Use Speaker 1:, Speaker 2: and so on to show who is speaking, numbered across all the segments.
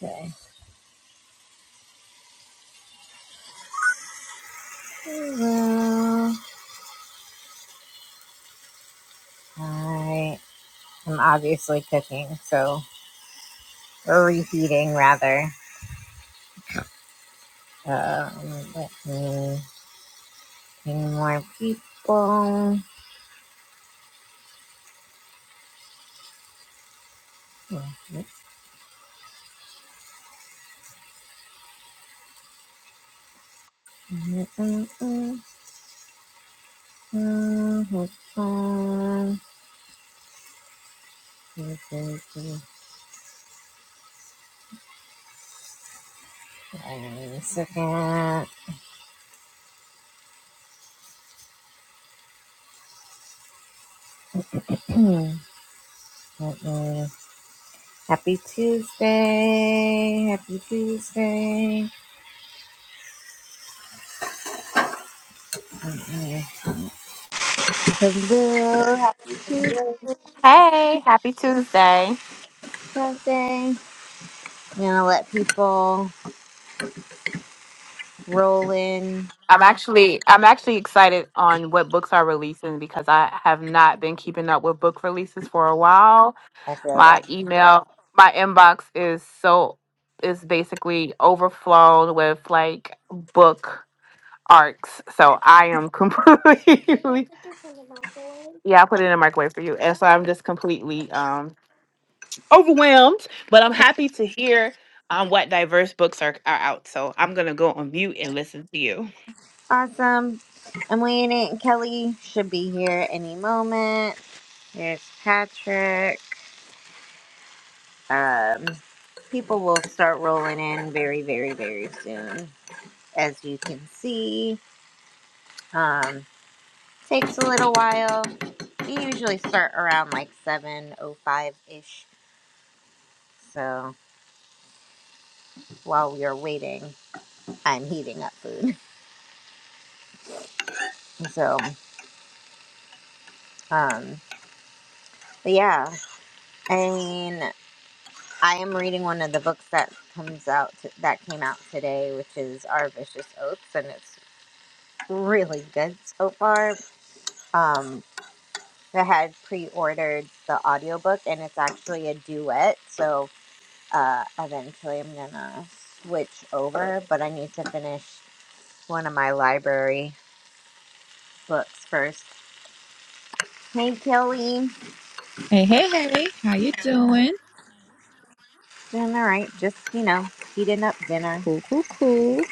Speaker 1: Okay. Uh, I am obviously cooking, so or reheating rather. Um, let me bring more people. One second. Let me- Happy Tuesday. Happy Tuesday. Hello. Happy
Speaker 2: Hey, happy Tuesday.
Speaker 1: Tuesday. I'm Gonna let people roll in.
Speaker 2: I'm actually I'm actually excited on what books are releasing because I have not been keeping up with book releases for a while.
Speaker 1: I feel
Speaker 2: My
Speaker 1: that.
Speaker 2: email, my inbox is so is basically overflowed with like book arcs. So I am completely Yeah, I put it in the microwave for you. And so I'm just completely um overwhelmed, but I'm happy to hear um what diverse books are, are out. So I'm gonna go on mute and listen to you.
Speaker 1: Awesome. I'm waiting. Kelly should be here any moment. There's Patrick. Um, people will start rolling in very, very, very soon. As you can see, um, takes a little while. We usually start around like 7.05 ish. So while we are waiting, I'm heating up food. So, um, but yeah, I mean, I am reading one of the books that comes out that came out today, which is Our Vicious Oaths, and it's really good so far. Um, I had pre-ordered the audiobook, and it's actually a duet. So uh, eventually, I'm gonna switch over, but I need to finish one of my library books first. Hey, Kelly,
Speaker 3: Hey, hey, hey, how you doing?
Speaker 1: doing all right? Just you know, heating up dinner.
Speaker 3: Cool, cool, cool.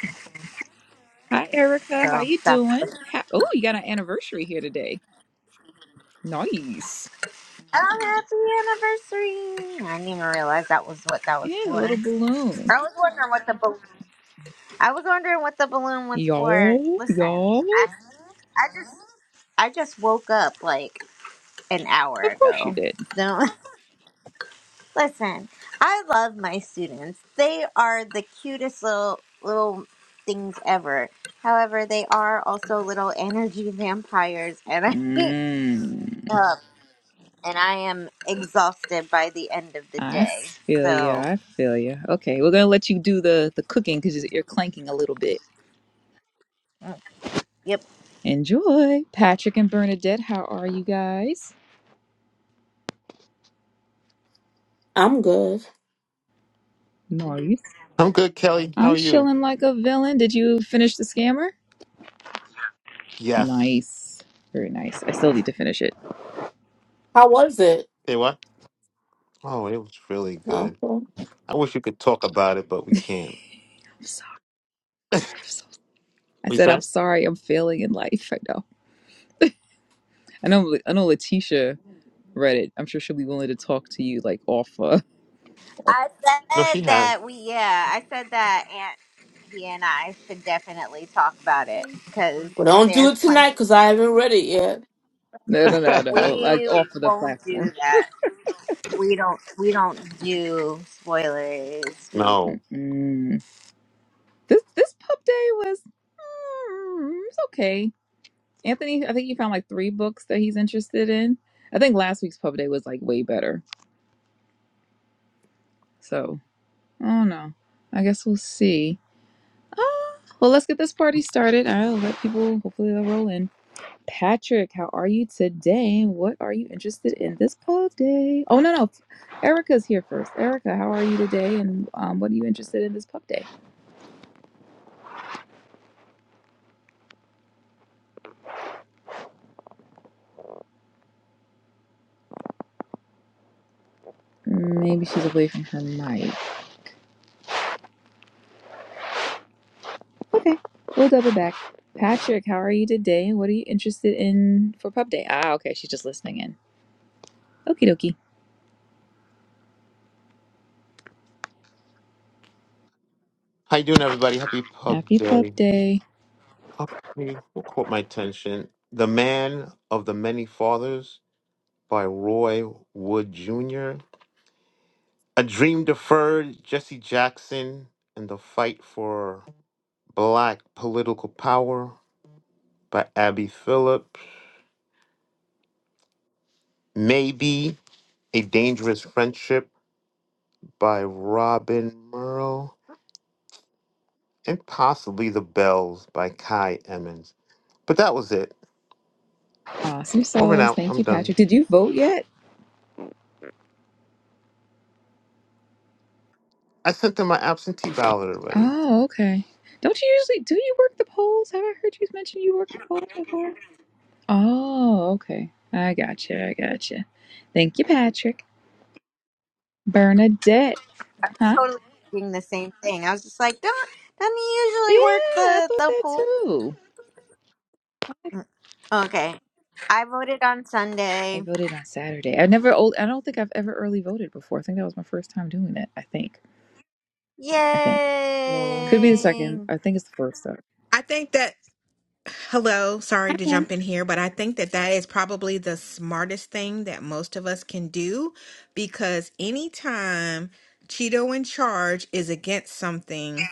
Speaker 3: Hi, Erica, how
Speaker 1: So
Speaker 3: you
Speaker 1: that's
Speaker 3: doing? How- oh, you got an anniversary here today. Nice.
Speaker 1: Oh, happy anniversary! I didn't even realize that was what that was
Speaker 3: Yeah, the
Speaker 1: for.
Speaker 3: little
Speaker 1: I
Speaker 3: balloon.
Speaker 1: was wondering what the balloon. I was wondering what the balloon was for.
Speaker 3: Y'all,
Speaker 1: Listen,
Speaker 3: y'all.
Speaker 1: I, I just I just woke up like an hour
Speaker 3: Of course you
Speaker 1: ago.
Speaker 3: did.
Speaker 1: No, listen. I love my students. They are the cutest little little things ever. However, they are also little energy vampires, and I
Speaker 3: Mm,
Speaker 1: up and I am exhausted by the end of the
Speaker 3: I
Speaker 1: day.
Speaker 3: feel you.
Speaker 1: So.
Speaker 3: I feel you. Okay, we're gonna let you do the the cooking because you're clanking a little bit.
Speaker 1: mm, Yep.
Speaker 3: Enjoy, Patrick and Bernadette. How are you guys?
Speaker 4: I'm good.
Speaker 3: Nice.
Speaker 5: I'm good, Kelly. How
Speaker 3: I'm
Speaker 5: are you?
Speaker 3: chilling like a villain. Did you finish the scammer?
Speaker 5: Yes.
Speaker 3: Nice. Very nice. I still need to finish it.
Speaker 4: How was it?
Speaker 5: Say what? Oh, it was really
Speaker 4: No.
Speaker 5: good.
Speaker 4: Well,
Speaker 5: I wish we could talk about it, but we can't.
Speaker 3: I'm sorry. I'm so, I
Speaker 5: We
Speaker 3: said I'm
Speaker 5: said?
Speaker 3: sorry. I'm failing in life. I know. I know. I know. Letitia read it. I'm sure she'll be willing to talk to you like off. Uh,
Speaker 1: I
Speaker 5: No, she
Speaker 1: said
Speaker 5: had.
Speaker 1: that we, yeah, I said that Aunt he and I should definitely talk about it because
Speaker 4: don't do
Speaker 1: there's
Speaker 4: it
Speaker 1: plenty.
Speaker 4: tonight because I haven't read it yet.
Speaker 3: no, no, no, no. Like
Speaker 1: We
Speaker 3: off of the
Speaker 1: won't do
Speaker 3: platform.
Speaker 1: that. We don't. We don't do spoilers here.
Speaker 5: no.
Speaker 3: Mm-mm. This this pub day was mm, it's okay. Anthony, I think he found like three books that he's interested in. I think last week's pub day was like way better. So I don't know. I guess we'll see. Ah Well, let's get this party started. I'll let people, hopefully, they'll roll in. Patrick, how are you today? What are you interested in this pub day? Oh, no, no. Erica's here first. Erica, how are you today? And um, what are you interested in this pub day? Maybe she's away from her mic. Okay, we'll double back. Patrick, how are you today? What are you interested in for pub day? Ah, okay, she's just listening in. Okie dokie.
Speaker 5: How you doing, everybody? Happy Pub
Speaker 3: Happy Pup
Speaker 5: Day.
Speaker 3: Day.
Speaker 5: Okay, what caught my attention? The Man of the Many Fathers by Roy Wood Jr. A Dream Deferred, Jesse Jackson, and the Fight for Black Political Power by Abby Phillip. Maybe A Dangerous Friendship by Robin Merle, and possibly The Bells by Kai Emmons. But that was it.
Speaker 3: Awesome
Speaker 5: Over and
Speaker 3: sauce.
Speaker 5: out.
Speaker 3: Thank
Speaker 5: I'm
Speaker 3: you, Patrick.
Speaker 5: done.
Speaker 3: Did you vote yet?
Speaker 5: I sent them my absentee ballot already.
Speaker 3: Oh, okay. Don't you usually do you work the polls? Have I heard you mention you work the polls before? Oh, okay. I gotcha. I gotcha. Thank you, Patrick. Bernadette.
Speaker 1: I was
Speaker 3: Huh?
Speaker 1: totally doing the same thing. I was just like, don't. Doesn't he
Speaker 3: Yeah,
Speaker 1: usually work
Speaker 3: I
Speaker 1: the
Speaker 3: thought
Speaker 1: the
Speaker 3: that
Speaker 1: pool.
Speaker 3: too.
Speaker 1: Okay. I voted on Sunday.
Speaker 3: I voted on Saturday. I never old. I don't think I've ever early voted before. I think that was my first time doing it. I think. I think
Speaker 4: Mm.
Speaker 3: could be the
Speaker 1: Yay!
Speaker 3: second. I think it's the first though.
Speaker 6: I think that, hello, sorry
Speaker 3: Hi,
Speaker 6: to
Speaker 3: ma'am.
Speaker 6: jump in here, but I think that that is probably the smartest thing that most of us can do because anytime Cheeto in charge is against something,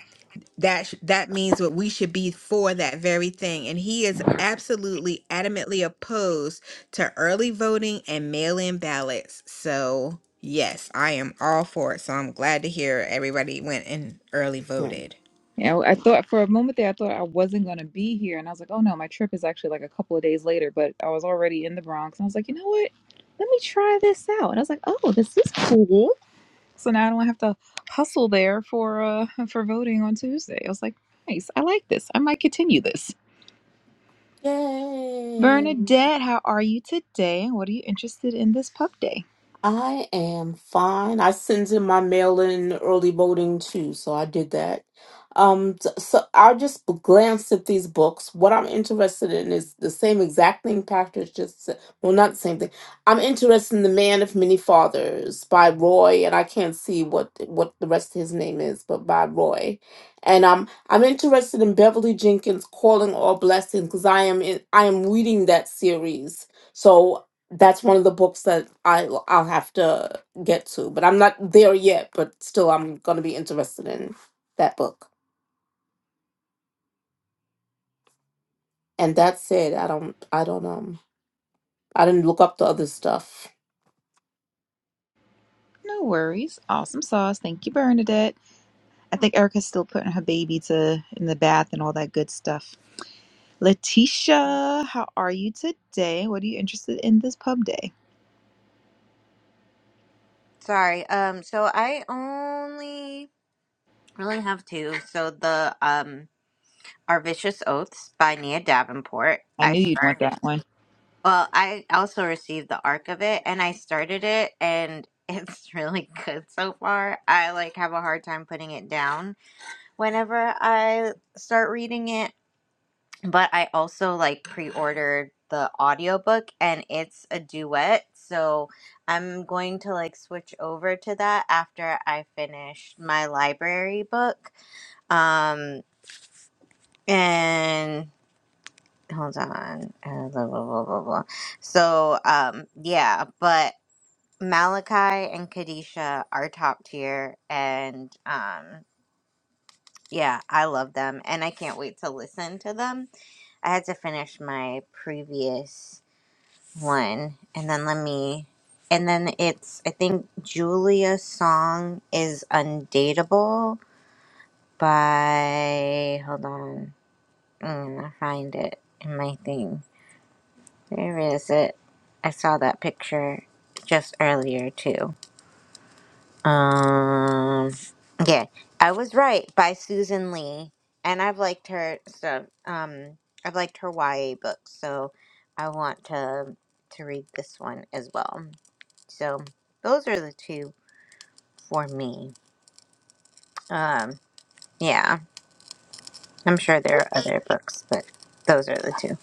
Speaker 6: that sh- that means that we should be for that very thing and he is absolutely adamantly opposed to early voting and mail-in ballots so yes i am all for it so i'm glad to hear everybody went and early voted
Speaker 3: Yeah, I thought for a moment there, I thought I wasn't going to be here. And I was like, oh no, my trip is actually like a couple of days later, but I was already in the Bronx. And I was like, you know what? Let me try this out. And I was like, oh, this is cool. So now I don't have to hustle there for uh for voting on Tuesday. I was like, nice. I like this. I might continue this.
Speaker 4: Yay.
Speaker 3: Bernadette, how are you today? What are you interested in this pub day?
Speaker 4: I am fine. I sends in my mail in early voting too, so I did that. Um, t- so I just glanced at these books. What I'm interested in is the same exact thing Patrick just said. Well, not the same thing. I'm interested in The Man of Many Fathers by Roy, and I can't see what what the rest of his name is, but by Roy. And um, I'm interested in Beverly Jenkins' Calling All Blessings because I am in, I am reading that series. So that's one of the books that I I'll have to get to, but I'm not there yet. But still, I'm gonna be interested in that book. And that's it. I don't I don't um I didn't look up the other stuff.
Speaker 3: No worries. Awesome sauce. Thank you, Bernadette. I think Erica's still putting her baby to in the bath and all that good stuff. Letitia, how are you today? What are you interested in this pub day?
Speaker 1: Sorry. Um. So I only really have two. So the um. Our Vicious Oaths by Nia Davenport.
Speaker 3: I
Speaker 1: I
Speaker 3: knew you'd want
Speaker 1: started.
Speaker 3: that one.
Speaker 1: Well, I also received the arc of it, and I started it, and it's really good so far. I like have a hard time putting it down whenever I start reading it, but I also like pre-ordered the audiobook, and it's a duet, so I'm going to like switch over to that after I finish my library book. Um, and hold on. Uh, blah, blah, blah, blah, blah. So, um, yeah, but Malachi and Kadisha are top tier, and um, yeah, I love them, and I can't wait to listen to them. I had to finish my previous one, and then let me. And then it's, I think Julia's song is Undateable by, hold on, I'm gonna find it in my thing. There is it. I saw that picture just earlier too. Um, yeah, I was right by Susan Lee, and I've liked her stuff. Um, I've liked her YA books, so I want to to read this one as well. So those are the two for me. Um, yeah, I'm sure there are other books, but those are the two.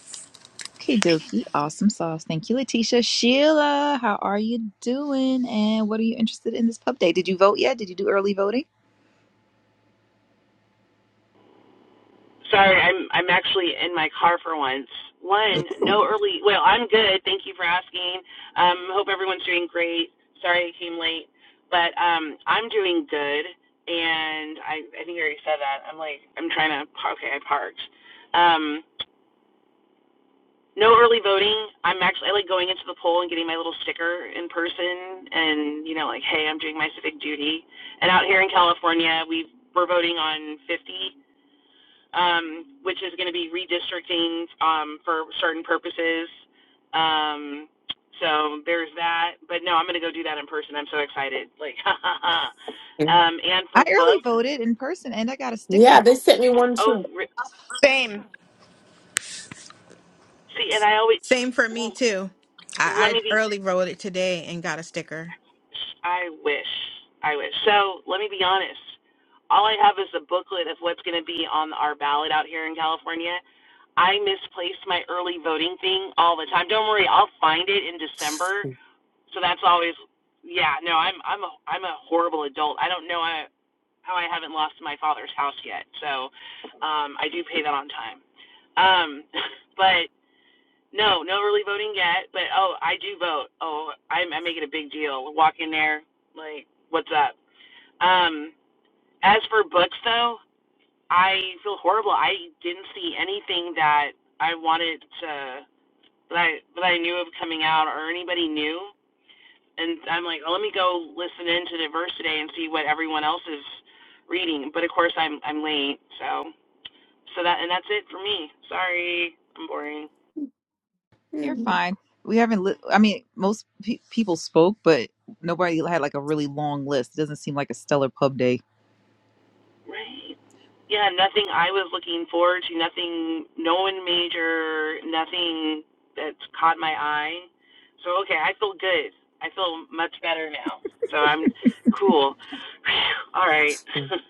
Speaker 3: Okay, dokie. Awesome sauce. Thank you, Letitia. Sheila, how are you doing? And what are you interested in this pub day? Did you vote yet? Did you do early voting?
Speaker 7: Sorry, I'm I'm actually in my car for once. One,
Speaker 3: Ooh.
Speaker 7: no early. Well, I'm good. Thank you for asking. Um, hope everyone's doing great. Sorry I came late, but um, I'm doing good. And I I think I already said that. I'm like I'm trying to. Okay, I parked. Um, no early voting. I'm actually I like going into the poll and getting my little sticker in person, and you know like hey I'm doing my civic duty. And out here in California, we we're voting on 50 um, which is going to be redistricting um, for certain purposes. Um, so there's that. But no, I'm going to go do that in person. I'm so excited. Like, ha ha ha.
Speaker 4: Mm.
Speaker 7: Um, and
Speaker 3: I
Speaker 7: for
Speaker 3: early
Speaker 7: books,
Speaker 3: voted in person and I got a sticker.
Speaker 4: Yeah, they sent me one
Speaker 7: oh,
Speaker 4: too.
Speaker 1: Same.
Speaker 7: see, and I always
Speaker 6: Same for me
Speaker 7: well,
Speaker 6: too. I,
Speaker 7: let
Speaker 6: I
Speaker 7: me be.
Speaker 6: early wrote it today and got a sticker.
Speaker 7: I wish. I wish. So let me be honest. All I have is a booklet of what's going to be on our ballot out here in California. I misplaced my early voting thing all the time. Don't worry, I'll find it in December So that's always yeah, no, I'm I'm a I'm a horrible adult. I don't know I, how I haven't lost my father's house yet. So um I do pay that on time. Um but no, no early voting yet, but oh, I do vote. Oh, I'm I'm making a big deal. Walk in there like what's up? Um as for books though, I feel horrible. I didn't see anything that I wanted to that I that I knew of coming out or anybody knew and I'm like, oh, let me go listen into the verse today and see what everyone else is reading. But of course, I'm I'm late, so so that and that's it for me. Sorry, I'm boring.
Speaker 3: You're
Speaker 4: Mm.
Speaker 3: fine. We haven't. Li- I mean, most pe- people spoke, but nobody had like a really long list. It doesn't seem like a stellar pub day.
Speaker 7: Right. Yeah, nothing I was looking forward to, nothing, no one major, nothing that caught my eye. So, okay, I feel good. I feel much better now. So I'm cool. All right.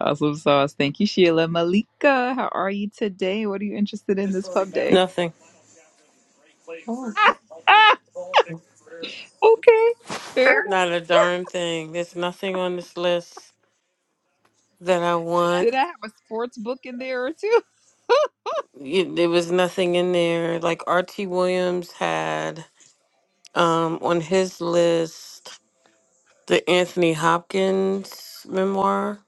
Speaker 3: Awesome sauce. Thank you, Sheila. Malika, how are you today? What are you interested in this pub day?
Speaker 8: Nothing.
Speaker 4: Oh.
Speaker 3: Ah, ah, okay, fair enough.
Speaker 8: Not a darn thing. There's nothing on this list that I want.
Speaker 3: Did I have a sports book in there or two?
Speaker 8: It- There was nothing in there. Like R.T. Williams had um, on his list the Anthony Hopkins memoir.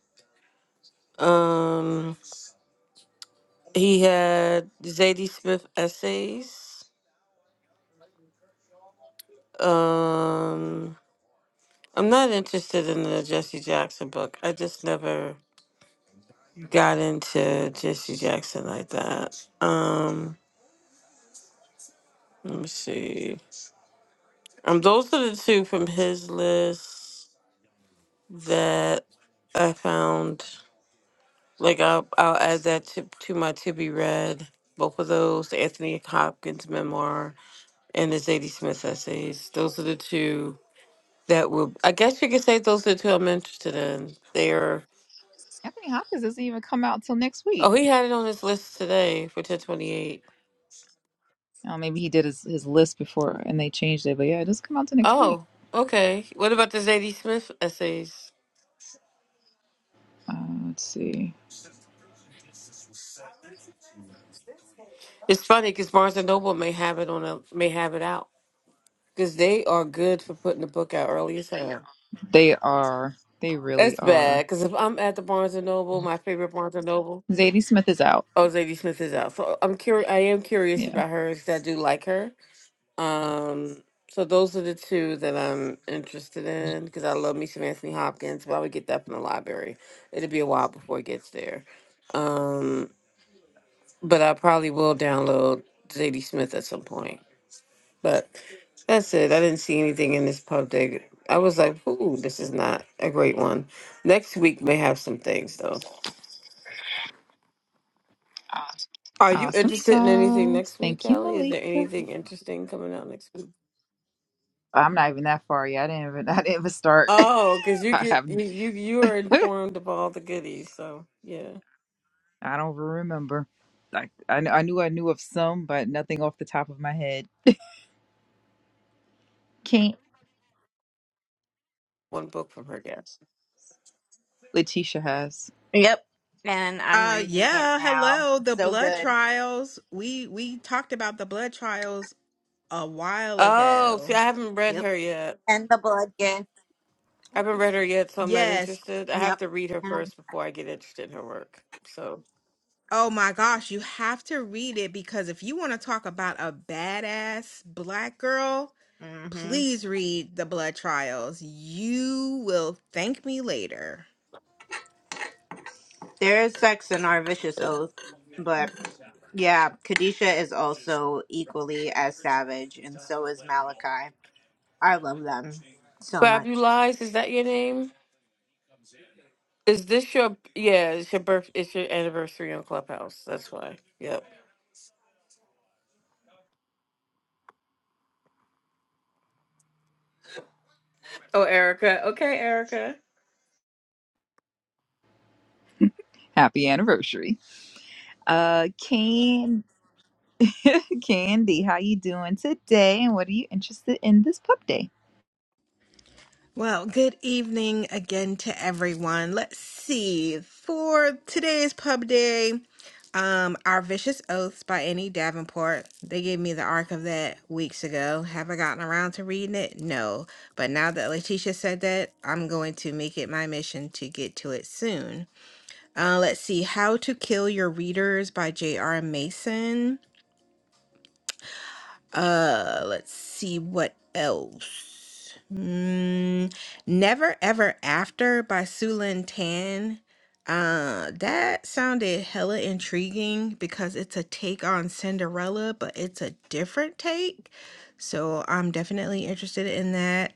Speaker 8: Um, he had Zadie Smith essays. Um, I'm not interested in the Jesse Jackson book. I just never got into Jesse Jackson like that. Um, let me see. Um, those are the two from his list that I found. Like I'll I'll add that to to my to be read. Both of those, Anthony Hopkins' memoir and the Zadie Smith essays. Those are the two that will. I guess you could say those are the two I'm interested in. They're.
Speaker 3: I think Hopkins doesn't even come out till next week.
Speaker 8: Oh, he had it on his list today for 1028.
Speaker 3: Oh, maybe he did his, his list before and they changed it, but yeah, it does not come out till next week.
Speaker 8: Oh, okay. What about the Zadie Smith essays?
Speaker 3: Uh, let's see.
Speaker 8: It's funny because Barnes and Noble may have it on a may have it out. Because they are good for putting the book out early as hell.
Speaker 3: They are. They really
Speaker 8: That's
Speaker 3: are.
Speaker 8: bad. Because if I'm at the Barnes and Noble, my favorite Barnes and Noble,
Speaker 3: Zadie Smith is out.
Speaker 8: oh, Zadie Smith is out. So I'm curious. I am curious
Speaker 3: Yeah.
Speaker 8: about her because I do like her. Um, so those are the two that I'm interested in because I love me some Anthony Hopkins, but I would get that from the library. It'll be a while before it gets there. Um, but I probably will download Zadie Smith at some point. But that's it. I didn't see anything in this pub dig. I was like, ooh, this is not a great one. Next week may have some things though. Are you
Speaker 3: Awesome
Speaker 8: interested in anything
Speaker 3: sauce.
Speaker 8: next week,
Speaker 3: Thank you,
Speaker 8: Kelly? Is there
Speaker 3: Malika.
Speaker 8: anything interesting coming out next week?
Speaker 3: I'm not even that far yet. I didn't even I didn't even start.
Speaker 8: Oh, because you
Speaker 3: I
Speaker 8: get you
Speaker 3: haven't
Speaker 8: you you are informed of all the goodies. So yeah,
Speaker 3: I don't even remember. Like I, kn- I knew I knew of some, but nothing off the top of my head. Can't
Speaker 8: one book from her guest.
Speaker 3: Letitia has.
Speaker 1: Yep, and I'm
Speaker 6: Uh
Speaker 1: reading it
Speaker 6: yeah,
Speaker 1: now.
Speaker 6: hello, the
Speaker 1: So
Speaker 6: blood
Speaker 1: good.
Speaker 6: trials. We we talked about the blood trials a while
Speaker 8: Oh, see,
Speaker 6: ago.
Speaker 8: I haven't read
Speaker 1: Yep.
Speaker 8: her yet.
Speaker 1: And the blood gift.
Speaker 8: I haven't read her yet, so I'm not
Speaker 6: Yes.
Speaker 8: interested. I have
Speaker 1: Yep.
Speaker 8: to read her first before I get interested in her work. So
Speaker 6: Oh my gosh, you have to read it because if you want to talk about a badass black girl,
Speaker 1: Mm-hmm.
Speaker 6: please read the blood trials. You will thank me later.
Speaker 1: There is sex in our vicious oath, but yeah, Kadisha is also equally as savage, and so is Malachi. I love them so much.
Speaker 8: Fabulize, is that your name? Is this your yeah, it's your birth it's your anniversary on Clubhouse. That's why. Yep. Oh, Erica. Okay, Erica.
Speaker 3: Happy anniversary. Uh Can Candy, how you doing today? And what are you interested in this pub day?
Speaker 6: Well, good evening again to everyone. Let's see. For today's pub day, um, Our Vicious Oaths by Annie Davenport. They gave me the arc of that weeks ago. Have I gotten around to reading it? No. But now that Letitia said that, I'm going to make it my mission to get to it soon. Uh, let's see. How to Kill Your Readers by J.R. Mason. Uh, let's see what else. Mm, Never Ever After by Sulin Tan. Uh, that sounded hella intriguing because it's a take on Cinderella, but it's a different take. So I'm definitely interested in that.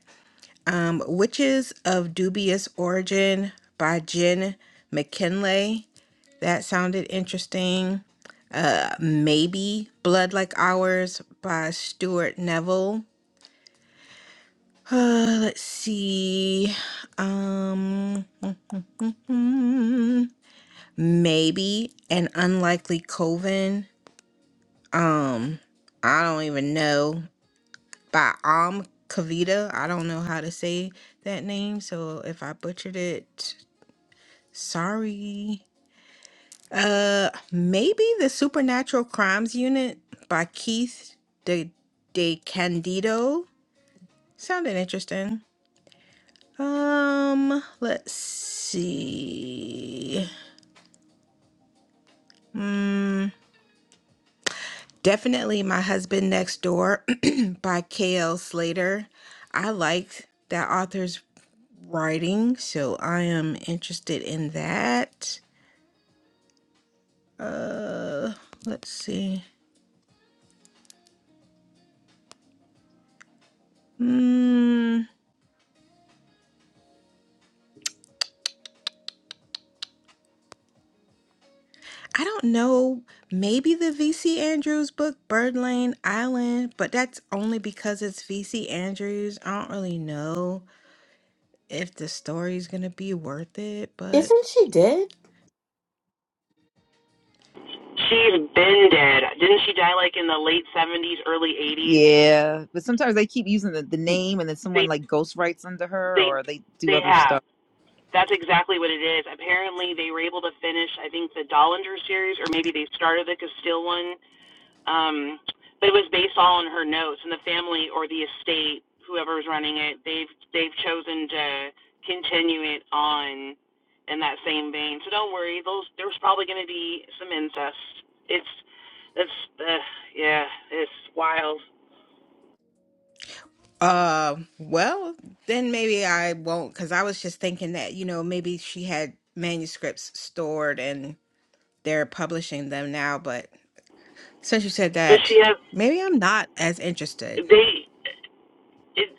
Speaker 6: Um, Witches of Dubious Origin by Jen McKinley. That sounded interesting. Uh, maybe Blood Like Ours by Stuart Neville. Uh, let's see. Um, hmm, maybe an unlikely coven. Um, I don't even know. By Am Kavita. I don't know how to say that name, so if I butchered it, sorry. Uh, maybe the Supernatural Crimes Unit by Keith De De Candido. Sounded interesting. Um, let's see. Mm, definitely My Husband Next Door by K.L. Slater. I liked that author's writing, so I am interested in that. Uh, let's see. Mm, I don't know. Maybe the V.C. Andrews book, Bird Lane Island, but that's only because it's V.C. Andrews. I don't really know if the story's gonna be worth it, but.
Speaker 4: Isn't she dead?
Speaker 7: She's been dead. Didn't she die like in the late 70s, early 80s?
Speaker 3: Yeah. But sometimes they keep using the, the name and then
Speaker 7: They
Speaker 3: someone like ghost writes under her
Speaker 7: They
Speaker 3: or they do
Speaker 7: they
Speaker 3: other
Speaker 7: have.
Speaker 3: stuff.
Speaker 7: That's exactly what it is. Apparently, they were able to finish. I think the Dollinger series, or maybe they started the Castile one. Um, but it was based all on her notes, and the family or the estate, whoever's running it, they've they've chosen to continue it on in that same vein. So don't worry. Those there's probably going to be some incest. It's that's uh, yeah, it's wild.
Speaker 6: Uh, well, then maybe I won't, because I was just thinking that, you know, maybe she had manuscripts stored and they're publishing them now. But since you said
Speaker 7: But
Speaker 6: that,
Speaker 7: she has
Speaker 6: maybe I'm not as interested.
Speaker 7: they. it,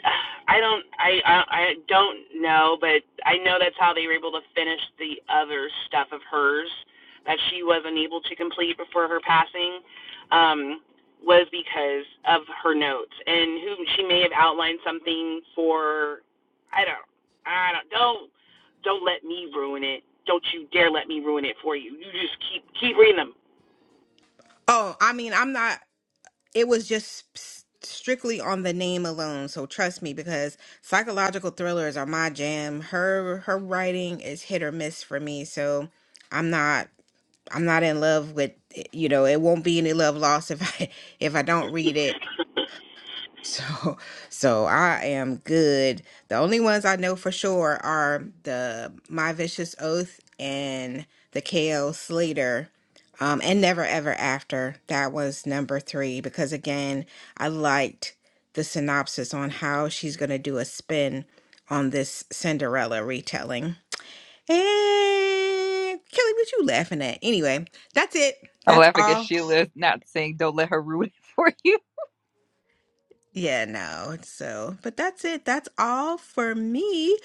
Speaker 7: I don't I, I I don't know, but I know that's how they were able to finish the other stuff of hers that she wasn't able to complete before her passing um was because of her notes and who she may have outlined something for I don't I don't don't don't let me ruin it. Don't you dare let me ruin it for you. You just keep keep reading
Speaker 6: Oh, I mean, I'm not, it was just s- strictly on the name alone. So trust me, because psychological thrillers are my jam. Her, her writing is hit or miss for me. So I'm not, I'm not in love with, you know, it won't be any love lost if I, if I don't read it
Speaker 7: them.
Speaker 6: So, so I am good. The only ones I know for sure are the My Vicious Oath and the KO Slater, um, and Never Ever After. That was number three because again, I liked the synopsis on how she's gonna do a spin on this Cinderella retelling. And Kelly, what you laughing at? Anyway, that's it.
Speaker 3: I'm
Speaker 6: That's
Speaker 3: laughing at
Speaker 6: all.
Speaker 3: Sheila not saying don't let her ruin it for you.
Speaker 6: Yeah, no. So, but that's it. That's all for me.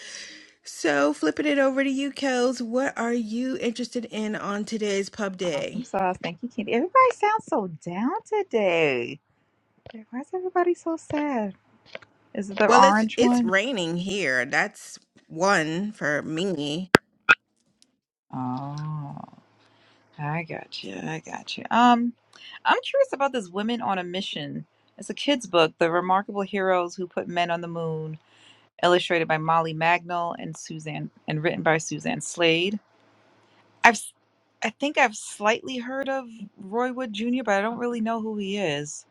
Speaker 6: So, flipping it over to you, Kels, what are you interested in on today's pub
Speaker 3: Awesome
Speaker 6: day?
Speaker 3: sauce. Thank you, Candy. Everybody sounds so down today. Like, Why is everybody so sad? Is it the
Speaker 6: Well, it's
Speaker 3: orange
Speaker 6: it's
Speaker 3: one?
Speaker 6: raining here. That's one for me.
Speaker 3: Oh, I got you. I got you. Um, I'm curious about this Women on a Mission. It's a kid's book, The Remarkable Heroes Who Put Men on the Moon, illustrated by Molly Magnol and Suzanne, and written by Suzanne Slade. I've, s- I think I've slightly heard of Roy Wood Jr., but I don't really know who he is.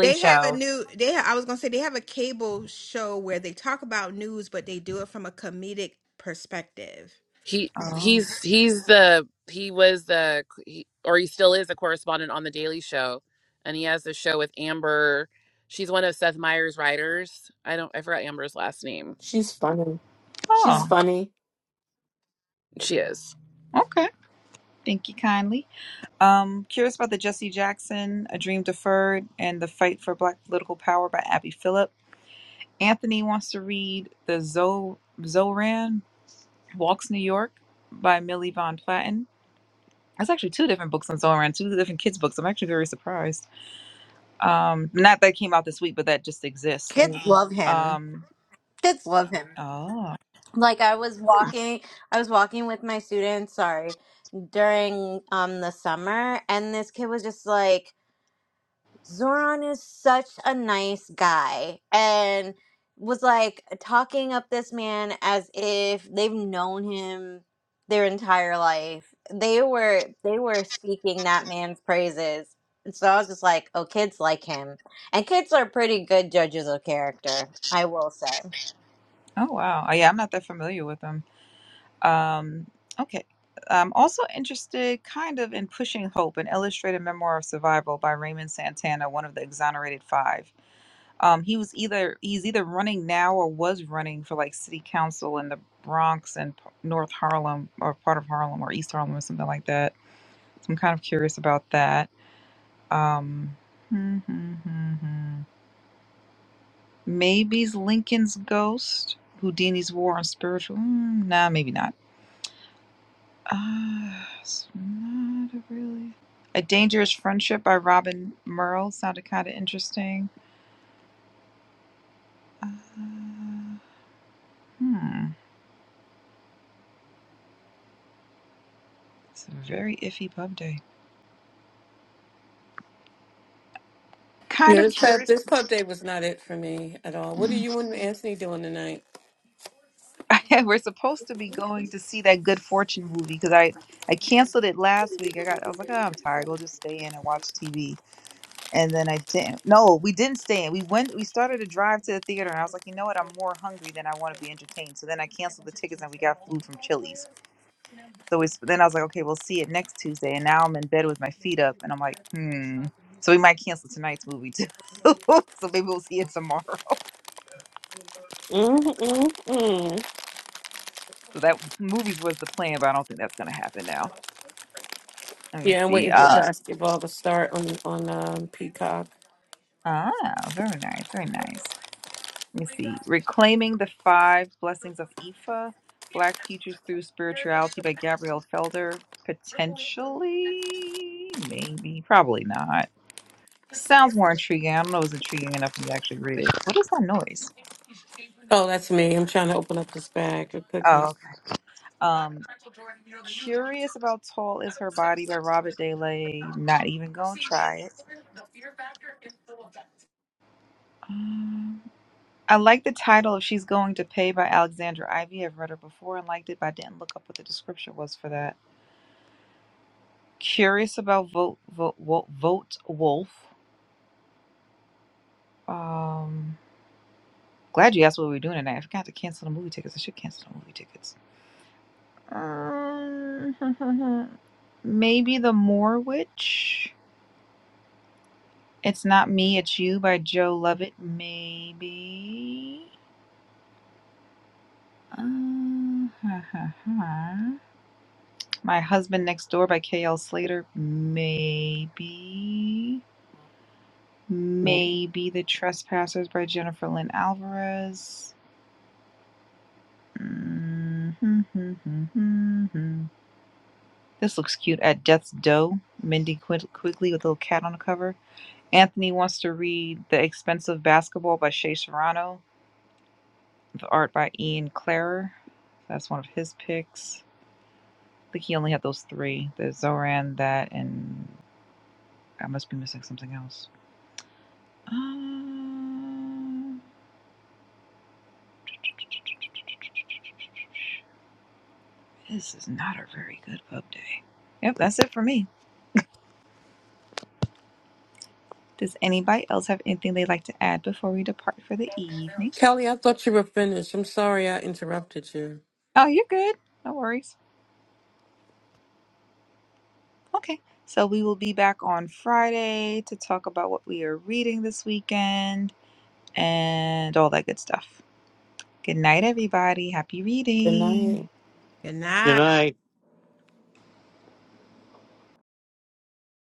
Speaker 6: They have a new they ha- I was going to say they have a cable show where they talk about news but they do it from a comedic perspective.
Speaker 7: He
Speaker 3: Oh,
Speaker 7: he's he's the he was the he, or he still is a correspondent on the Daily Show, and he has a show with Amber. She's one of Seth Meyers' writers. I don't I forgot Amber's last name.
Speaker 4: She's funny. She's
Speaker 3: oh,
Speaker 4: funny.
Speaker 7: She is.
Speaker 3: okay. Thank you kindly. Um, curious about the Jesse Jackson, A Dream Deferred, and The Fight for Black Political Power by Abby Phillip. Anthony wants to read The Zo- Zoran Walks New York by Millie Von Platten. That's actually two different books on Zoran, two different kids' books. I'm actually very surprised. Um, not that came out this week, but that just exists.
Speaker 1: Kids
Speaker 4: Mhm.
Speaker 1: love him.
Speaker 3: Um,
Speaker 1: Kids love him.
Speaker 3: oh,
Speaker 1: Like I was walking, I was walking with my students. Sorry, during um the summer, and this kid was just like. Zoran is such a nice guy and was like talking up this man as if they've known him their entire life. They were they were speaking that man's praises. And so I was just like, oh, kids like him. And kids are pretty good judges of character, I will say.
Speaker 3: oh wow. Oh, yeah, I'm not that familiar with them. Um, okay. I'm also interested kind of in Pushing Hope, an illustrated memoir of survival by Raymond Santana, one of the exonerated five. Um, he was either he's either running now or was running for like city council in the Bronx and P- North Harlem or part of Harlem or East Harlem or something like that. So I'm kind of curious about that. Um, hmm, hmm, hmm, hmm. Maybe's Lincoln's Ghost, Houdini's War on Spiritual. mm, nah, maybe not. Uh, it's not a really. A Dangerous Friendship by Robin Merle sounded kind of interesting. Uh, hmm. It's a very iffy pub day. Kind
Speaker 8: Yeah,
Speaker 3: of
Speaker 8: this pub
Speaker 3: curious.
Speaker 8: this pub day was not it for me at all. What are
Speaker 3: Mm.
Speaker 8: you and Anthony doing tonight?
Speaker 3: We're supposed to be going to see that Good Fortune movie because I, I canceled it last week. I got I was like, oh, I'm tired. We'll just stay in and watch TV. And then I didn't. No, we didn't stay in. We went. We started a drive to the theater, and I was like, you know what? I'm more hungry than I want to be entertained. So then I canceled the tickets, and we got food from Chili's. So we, then I was like, okay, we'll see it next Tuesday. And now I'm in bed with my feet up, and I'm like, hmm. So we might cancel tonight's movie too. so maybe we'll see it tomorrow.
Speaker 8: mm mm mm.
Speaker 3: So that movies was the plan, but I don't think that's gonna happen now. Let me
Speaker 8: Yeah, I'm
Speaker 3: see.
Speaker 8: waiting for
Speaker 3: Uh,
Speaker 8: basketball to start on on um, Peacock.
Speaker 3: ah, very nice, very nice. Let me see. Reclaiming the Five Blessings of Ifa, Black Futures Through Spirituality by Gabrielle Felder. Potentially, maybe, probably not. Sounds more intriguing. I don't know if it's intriguing enough for me to actually read it. What is that noise?
Speaker 8: Oh, that's me. I'm trying to open up this bag of
Speaker 3: Oh,
Speaker 8: cookies.
Speaker 3: okay. Um, Curious About Tall Is Her Body by Robert DeLay. Not even gonna try it. Um, I like the title of She's Going to Pay by Alexandra Ivy. I've read her before and liked it, but I didn't look up what the description was for that. Curious About Vote, Vote, Vote, Vote Wolf. Um, glad you asked what we were doing tonight. I forgot to cancel the movie tickets. I should cancel the movie tickets. Um, maybe The Moor Witch. It's Not Me, It's You by Joe Lovett, maybe. Uh, ha, ha, ha. My Husband Next Door by K.L. Slater, maybe. Maybe The Trespassers by Jennifer Lynn Alvarez. Mm-hmm. This looks cute. At Death's Door, Mindy Quid- Quigley with a little cat on the cover. Anthony wants to read The Expensive Basketball by Shea Serrano. art by Ian Clarer. That's one of his picks. I think he only had those three: the Zoran, that, and I must be missing something else. Um, this is not a very good pub day. Yep, that's it for me. Does anybody else have anything they'd like to add before we depart for the evening?
Speaker 8: Kelly, I thought you were finished. I'm sorry I interrupted you.
Speaker 3: Oh, you're good. No worries. Okay. So we will be back on Friday to talk about what we are reading this weekend and all that good stuff. Good night, everybody. Happy
Speaker 4: Good night.
Speaker 3: reading.
Speaker 6: Good
Speaker 5: Good
Speaker 6: night.
Speaker 5: night.